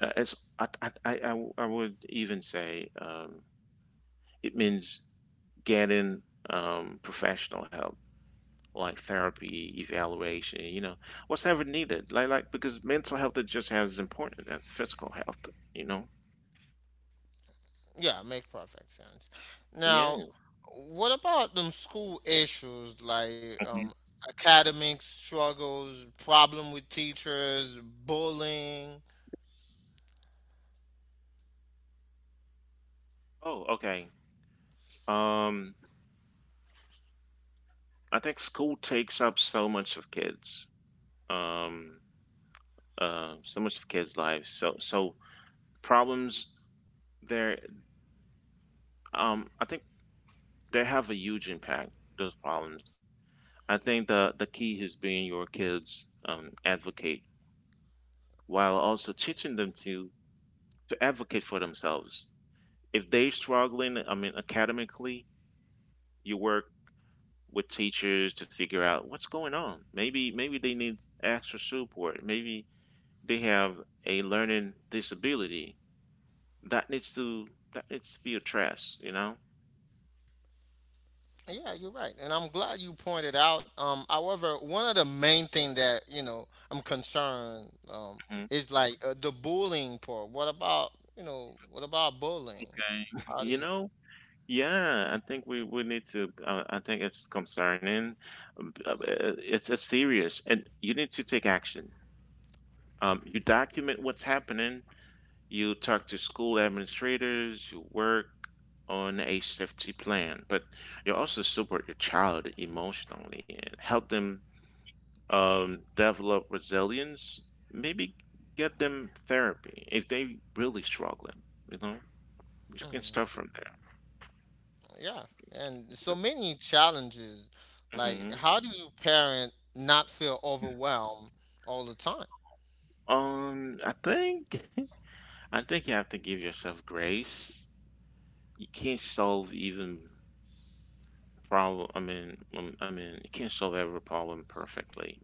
S1: uh, it's, I, I, I, I w- I would even say, um, it means getting, um, professional help like therapy evaluation, you know whatever needed, like like because mental health is just as important as physical health you know
S2: Yeah, make perfect sense. Now,
S1: yeah.
S2: what about them school issues like
S1: Mhm.
S2: um academic struggles, problem with teachers, bullying?
S1: Oh, okay. Um, I think school takes up so much of kids, um, uh, so much of kids' lives. So, so problems there. Um, I think they have a huge impact. Those problems. I think the the key is being your kids' um, advocate while also teaching them to to advocate for themselves. If they're struggling, I mean, academically, you work with teachers to figure out what's going on. Maybe maybe they need extra support. Maybe they have a learning disability, that needs to that needs to be addressed, you know?
S2: Yeah, you're right, and I'm glad you pointed out. Um, however, one of the main thing that you know I'm concerned um,
S1: Mhm.
S2: is like uh, the bullying part. What about you know what about bullying? How do
S1: You
S2: you?
S1: know? Yeah, I think we, we need to. Uh, I think it's concerning. um, uh, It's it's serious, and you need to take action. Um, you document what's happening. You talk to school administrators. You work on a safety plan, but you also support your child emotionally and help them, um, develop resilience, maybe get them therapy if they really struggling. You know, we can
S2: Mhm.
S1: start from
S2: Yeah, and so
S1: there.
S2: many challenges. Like,
S1: hmm
S2: how do you parent not feel overwhelmed all the time?
S1: Um, I think *laughs* I think you have to give yourself grace. You can't solve even problem. I mean, um, I mean, you can't solve every problem perfectly.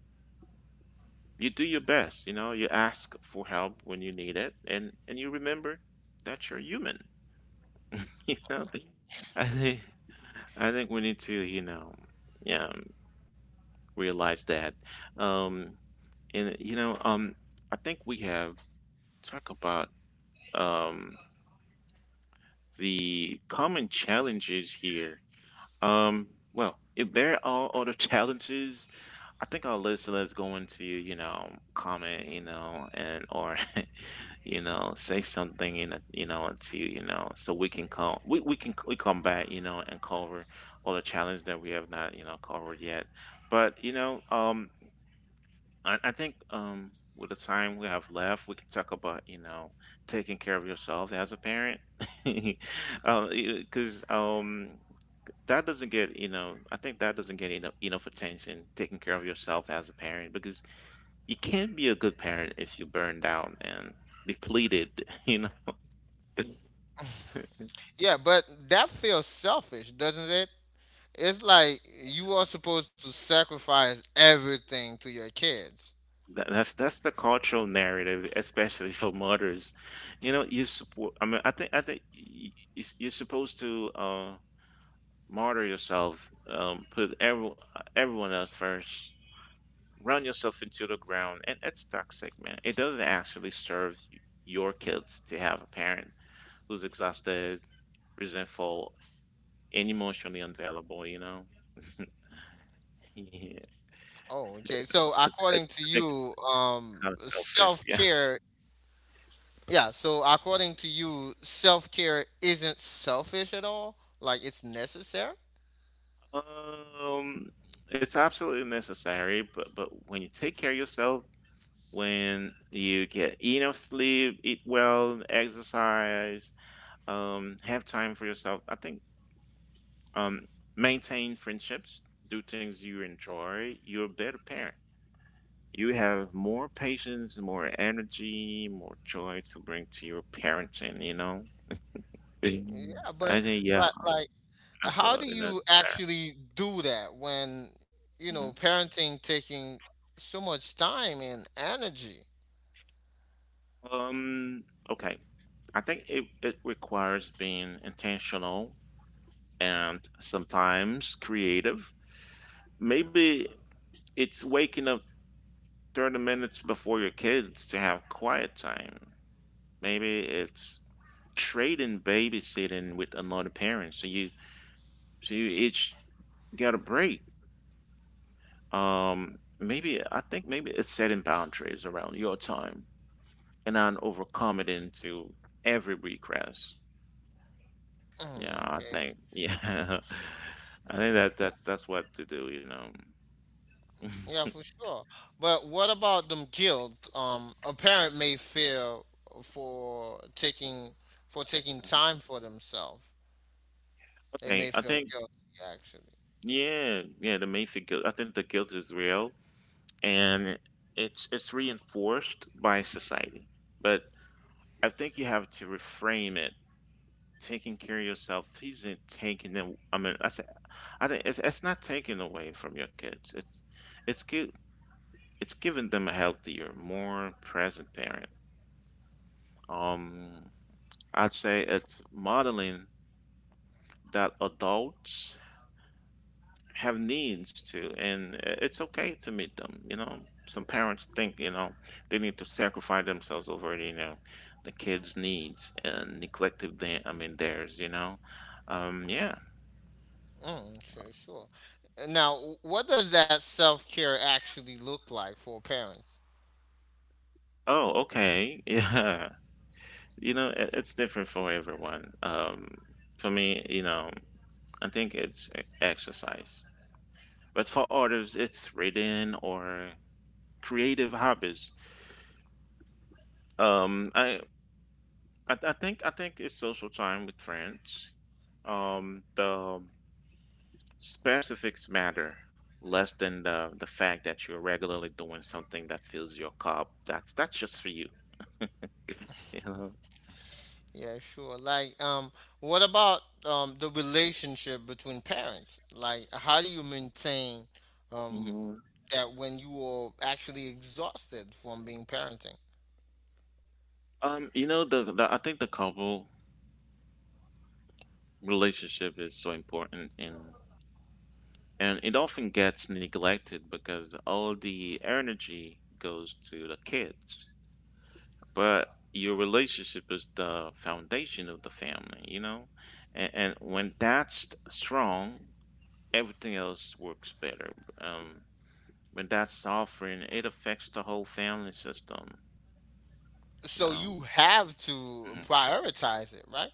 S1: You do your best. You know, you ask for help when you need it, and and you remember that you're human. *laughs* You know, I think I think we need to, you know, yeah, realize that. Um, and you know, um, I think we have talk about, um, the common challenges here. Um, well, if there are other *laughs* challenges, I think our list let's go into, you know, comment, you know, and or *laughs* you know, say something in a, you know, to, you know, so we can come, we, we can we come back, you know, and cover all the challenges that we have not, you know, covered yet. But, you know, um, I, I think, um, with the time we have left, we can talk about, you know, taking care of yourself as a parent, *laughs* because, um, that doesn't get, you know, I think that doesn't get enough enough attention. Taking care of yourself as a parent because you can't be a good parent if you're burned out and depleted. *laughs* You know
S2: Yeah, but that feels selfish, doesn't it? It's like you are supposed to sacrifice everything to your kids.
S1: that, that's that's the cultural narrative, especially for mothers. You know you support. I mean, I think I think y- y- you're supposed to. Uh, martyr yourself, um, put every, everyone else first, run yourself into the ground, and it's toxic, man. It doesn't actually serve your kids to have a parent who's exhausted, resentful, and emotionally unavailable. You know, *laughs* yeah, I
S2: Oh, okay. So according to
S1: I think
S2: you,
S1: it's
S2: um,
S1: kind of selfish. Yeah,
S2: self-care, yeah, so according to you, self-care isn't selfish at all? Like it's necessary?
S1: um, it's absolutely necessary, but but when you take care of yourself. When you get enough sleep, eat well, exercise, um, have time for yourself. I think, um, maintain friendships, do things you enjoy. You're a better parent. You have more patience, more energy, more joy to bring to your parenting. You know. Mhm.
S2: Yeah, but
S1: I think, yeah,
S2: like like how do
S1: absolutely. That's
S2: you actually do that when, you
S1: fair. Mhm.
S2: know, parenting taking so much time and energy?
S1: Um, okay. I think it, it requires being intentional and sometimes creative. Maybe it's waking up thirty minutes before your kids to have quiet time. Maybe it's trading babysitting with another parent, so you so you each get a break. Um, maybe I think maybe it's setting boundaries around your time and not overcommitting to every request. Yeah,
S2: Mm,
S1: I
S2: okay.
S1: think, yeah, *laughs* I
S2: Mm.
S1: think that that's that's what to do, you know. *laughs*
S2: Yeah, for sure. But what about them guilt? Um, a parent may feel for taking for taking time for themselves. They
S1: Okay,
S2: may
S1: I
S2: feel
S1: think,
S2: guilty, actually.
S1: yeah, yeah, the Mayfield guilt. I think the guilt is real, and it's it's reinforced by society. But I think you have to reframe it. Taking care of yourself isn't taking them. I mean, I said, I think it's, it's not taking away from your kids. It's it's gi- it's giving them a healthier, more present parent. Um, I'd say it's modeling that adults have needs too, and it's okay to meet them. You know, some parents think you know they need to sacrifice themselves over, you know, the kids' needs and neglected their, I mean, theirs. You know, um, yeah.
S2: Mm, sure, sure. Now, what does that self care actually look like for parents?
S1: Oh, okay. *laughs* Yeah. You know, it, it's different for everyone. Um, for me, you know, I think it's e- exercise. But for others, it's reading or creative hobbies. Um, I, I, I think I think it's social time with friends. Um, the specifics matter less than the the fact that you're regularly doing something that fills your cup. That's that's just for you. *laughs* You know.
S2: Yeah, sure. Like, um, what about um the relationship between parents? Like, how do you maintain um
S1: Mhm.
S2: that when you are actually exhausted from being parenting?
S1: Um, you know, the, the, I think, the couple relationship is so important, and, and it often gets neglected because all the energy goes to the kids, but your relationship is the foundation of the family, you know, and, and when that's strong, everything else works better, um, when that's suffering, it affects the whole family system, you
S2: So
S1: know.
S2: you have to
S1: Mhm.
S2: prioritize it, right?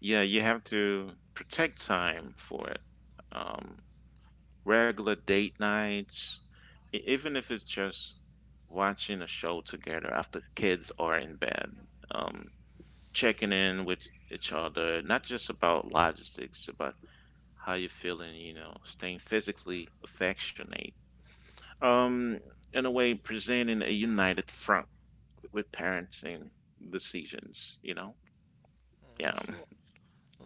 S1: Yeah, you have to protect time for it. Um, regular date nights, e- even if it's just watching a show together after kids are in bed, um, checking in with each other, not just about logistics, about how you're feeling, you know, staying physically affectionate. Um, in a way, presenting a united front with parenting decisions, you know? Yeah.
S2: Mm, sure.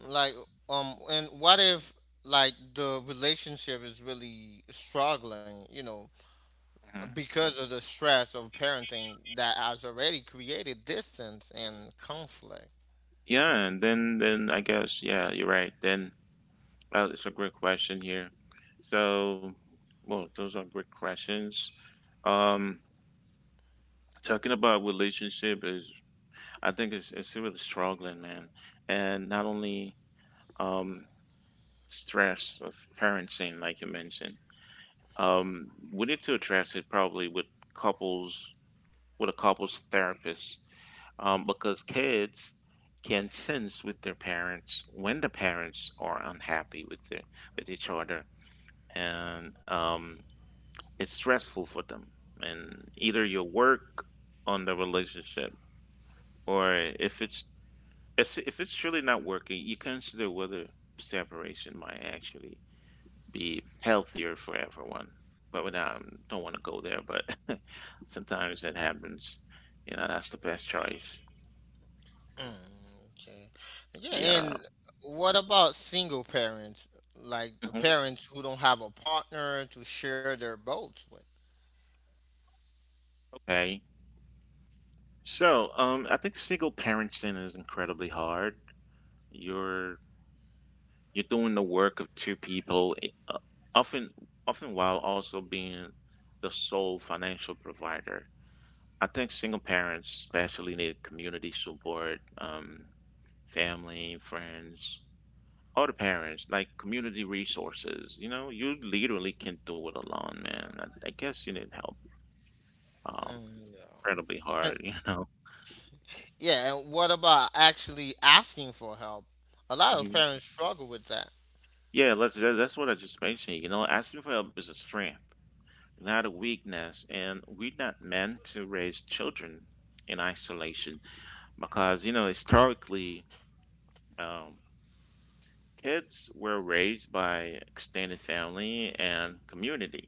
S2: Like, um, and what if like the relationship is really struggling, you know,
S1: hmm
S2: because of the stress of parenting that has already created distance and conflict.
S1: Yeah, and then, then I guess, yeah, you're right. Then, Uh, it's a great question here. So, well, those are great questions. Um, talking about relationship is, I think it's it's really struggling, man, and not only, um stress of parenting, like you mentioned. Um, we need to address it, probably with couples, with a couples therapist, um, because kids can sense with their parents when the parents are unhappy with their with each other, and, um it's stressful for them. And either you work on the relationship, or if it's if it's truly not working, you consider whether separation might actually be healthier for everyone. But when I don't want to go there, but *laughs* sometimes that happens. You know, that's the best choice.
S2: Mm, okay. Yeah,
S1: Yeah.
S2: and what about single parents? Like the
S1: hmm
S2: parents who don't have a partner to share their boats with.
S1: Okay. So, um, I think single parenting is incredibly hard. You're You're doing the work of two people, i- uh, often, often while also being the sole financial provider. I think single parents especially need community support, um, family, friends, other parents, like community resources. You know, you literally can't do it alone, man. I, I guess you need help. Um,
S2: Mm,
S1: incredibly
S2: yeah.
S1: hard, *laughs* you know.
S2: Yeah, and what about actually asking for help? A lot of
S1: hmm
S2: parents struggle with that.
S1: Yeah, let's, that- that's what I just mentioned. You know, asking for help is a strength, not a weakness. And we're not meant to raise children in isolation because, you know, historically, um, kids were raised by extended family and community.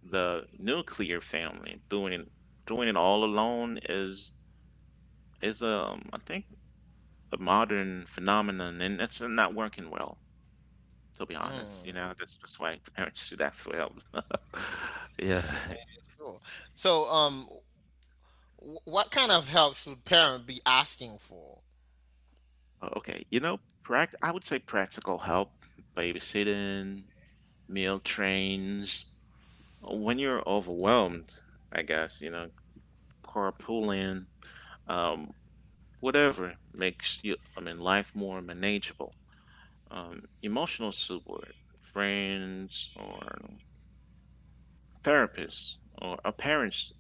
S1: The nuclear family doing it, doing it all alone is is um I think a modern phenomenon, and it's not working well. To be honest, you
S2: Mm,
S1: know, that's just why *laughs* parents should act well. *laughs*
S2: *laughs* yeah,
S1: Yeah.
S2: sure. So, um, w- what kind of help should parent be asking for?
S1: Oh, okay. You know, pract I would say practical help, babysitting, meal trains. When you're overwhelmed, I guess, you know, carpooling, um, whatever makes you, I mean, life more manageable. Um, emotional support, friends or therapists, or a parents,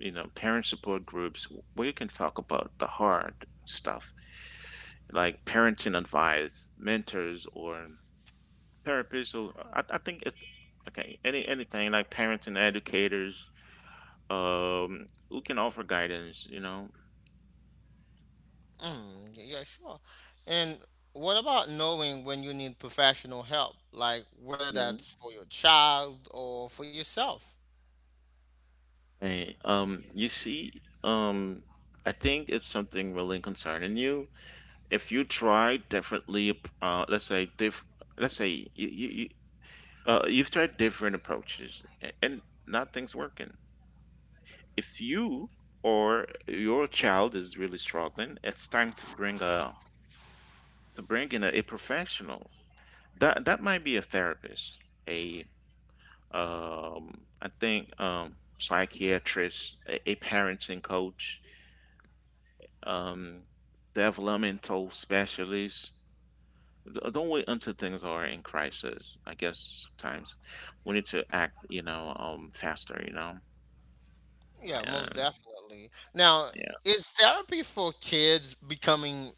S1: you know, parent support groups where you can talk about the hard stuff, like parenting advice, mentors or therapists. So I, I think it's okay, any anything like parents and educators um who can offer guidance you know
S2: Mm, y- yeah, sure. And what about knowing when you need professional help, like whether
S1: Mhm.
S2: that's for your child or for yourself?
S1: Right. um you see um I think it's something really concerning you. If you try differently, uh let's say diff let's say you, you, you uh you've tried different approaches a- and nothing's working, if you or your child is really struggling, it's time to bring a to bring in a, a professional. That that might be a therapist, a, um, I think um, psychiatrist, a, a parenting coach, um, developmental specialist. D- Don't wait until things are in crisis. I guess sometimes we need to act, you know, um, faster, you know,
S2: Yeah, most
S1: and
S2: definitely. Now,
S1: yeah,
S2: is therapy for kids becoming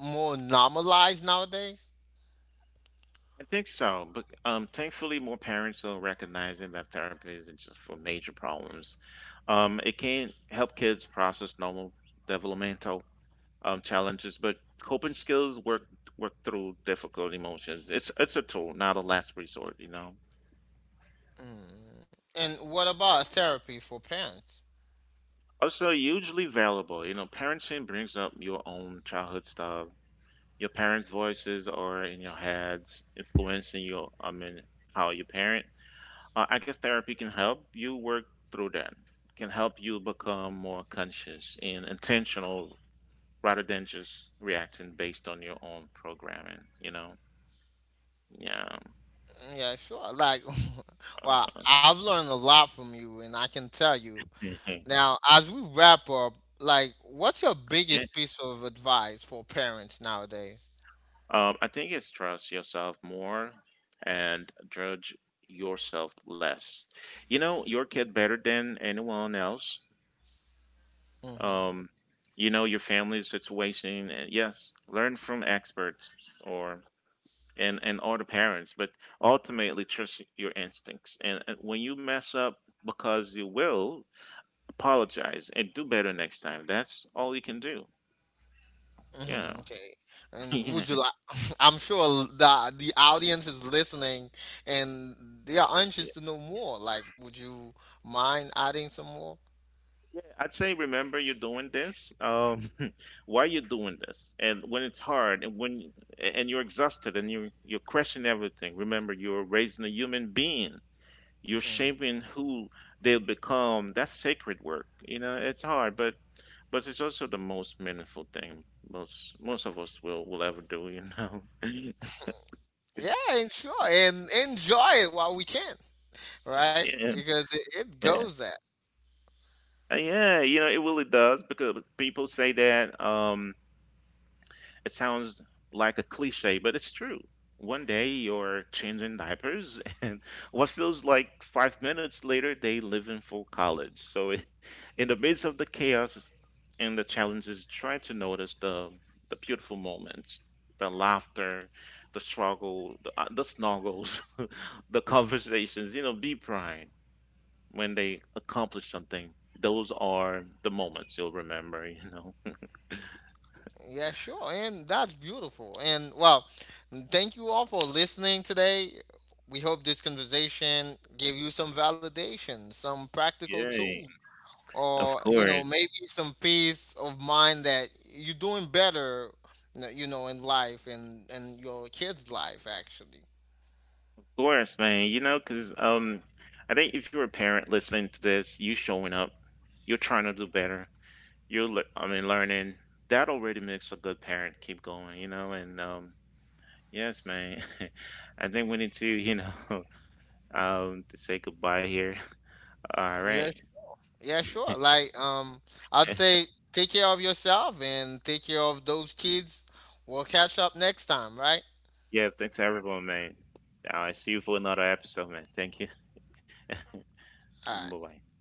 S2: more normalized nowadays?
S1: I think so. But um, thankfully, more parents are recognizing that therapy isn't just for major problems. Um, it can help kids process normal developmental, um, challenges, but coping skills work work through difficult emotions. It's it's a tool, not a last resort, you know.
S2: Mm. And what about therapy for parents?
S1: Also, hugely valuable. You know, parenting brings up your own childhood stuff. Your parents' voices are in your heads, influencing your I mean how you parent. Uh, I guess therapy can help you work through that. Can help you become more conscious and intentional rather than just reacting based on your own programming. You know, yeah.
S2: Yeah, sure. Like, *laughs* well,
S1: Uh,
S2: I've learned a lot from you, and I can tell you.
S1: *laughs*
S2: Now, as we wrap up, like, what's your
S1: yeah.
S2: biggest piece of advice for parents nowadays?
S1: Um, I think it's trust yourself more and judge yourself less. You know your kid better than anyone else.
S2: Mm-hmm.
S1: Um, you know your family situation. And Yes, learn from experts or, and and other parents, but ultimately trust your instincts. And, and when you mess up, because you will, apologize and do better next time. That's all you can do. Yeah,
S2: Mm-hmm. Okay.
S1: *laughs*
S2: And
S1: yeah.
S2: would you like? *laughs* I'm sure the the audience is listening, and they are anxious to know more. Like, would you mind adding some more?
S1: Yeah, I'd say remember you're doing this. Um, *laughs* why you're doing this? And when it's hard, and when you- and you're exhausted, and you you're questioning everything. Remember, you're raising a human being. You're
S2: Mm.
S1: shaping who they'll become. That's sacred work. You know, it's hard, but but it's also the most meaningful thing most most of us will will ever do. You know. *laughs*
S2: Yeah, and sure, and enjoy it while we can. Right?
S1: Yeah,
S2: Because it, it
S1: yeah.
S2: goes that.
S1: Uh, yeah. You know, it really does because people say that. Um, It sounds like a cliche, but it's true. One day you're changing diapers, *laughs* and what feels like five minutes later, they live in full college. So, *laughs* i- in the midst of the chaos and the challenges, try to notice the the beautiful moments, the laughter, the struggle, the, uh, the snuggles, *laughs* the conversations. You know, be proud when they accomplish something. Those are the moments you'll remember. You know.
S2: Yeah, sure. And that's beautiful. And well, thank you all for listening today. We hope this conversation gave you some validation, some practical
S1: Yay!
S2: tools,
S1: Of
S2: or you know,
S1: course.
S2: maybe some peace of mind that you're doing better, you know, in life and and your kids' life actually.
S1: Course, man. You know, because um, I think if you're a parent listening to this, you showing up, you're trying to do better. You're, le- I mean, learning. That already makes a good parent. Keep going. You know, and um, yes, man. *laughs* I think we need to, you know, *laughs* um, to say goodbye here. *laughs* All
S2: Yeah,
S1: right.
S2: yeah, sure. Like, um, I'd say take care of yourself and take care of those kids. We'll catch up next time, right?
S1: Yeah. Thanks everyone, man. I see you for another episode, man. Thank you. *laughs*
S2: All right.
S1: Bye bye.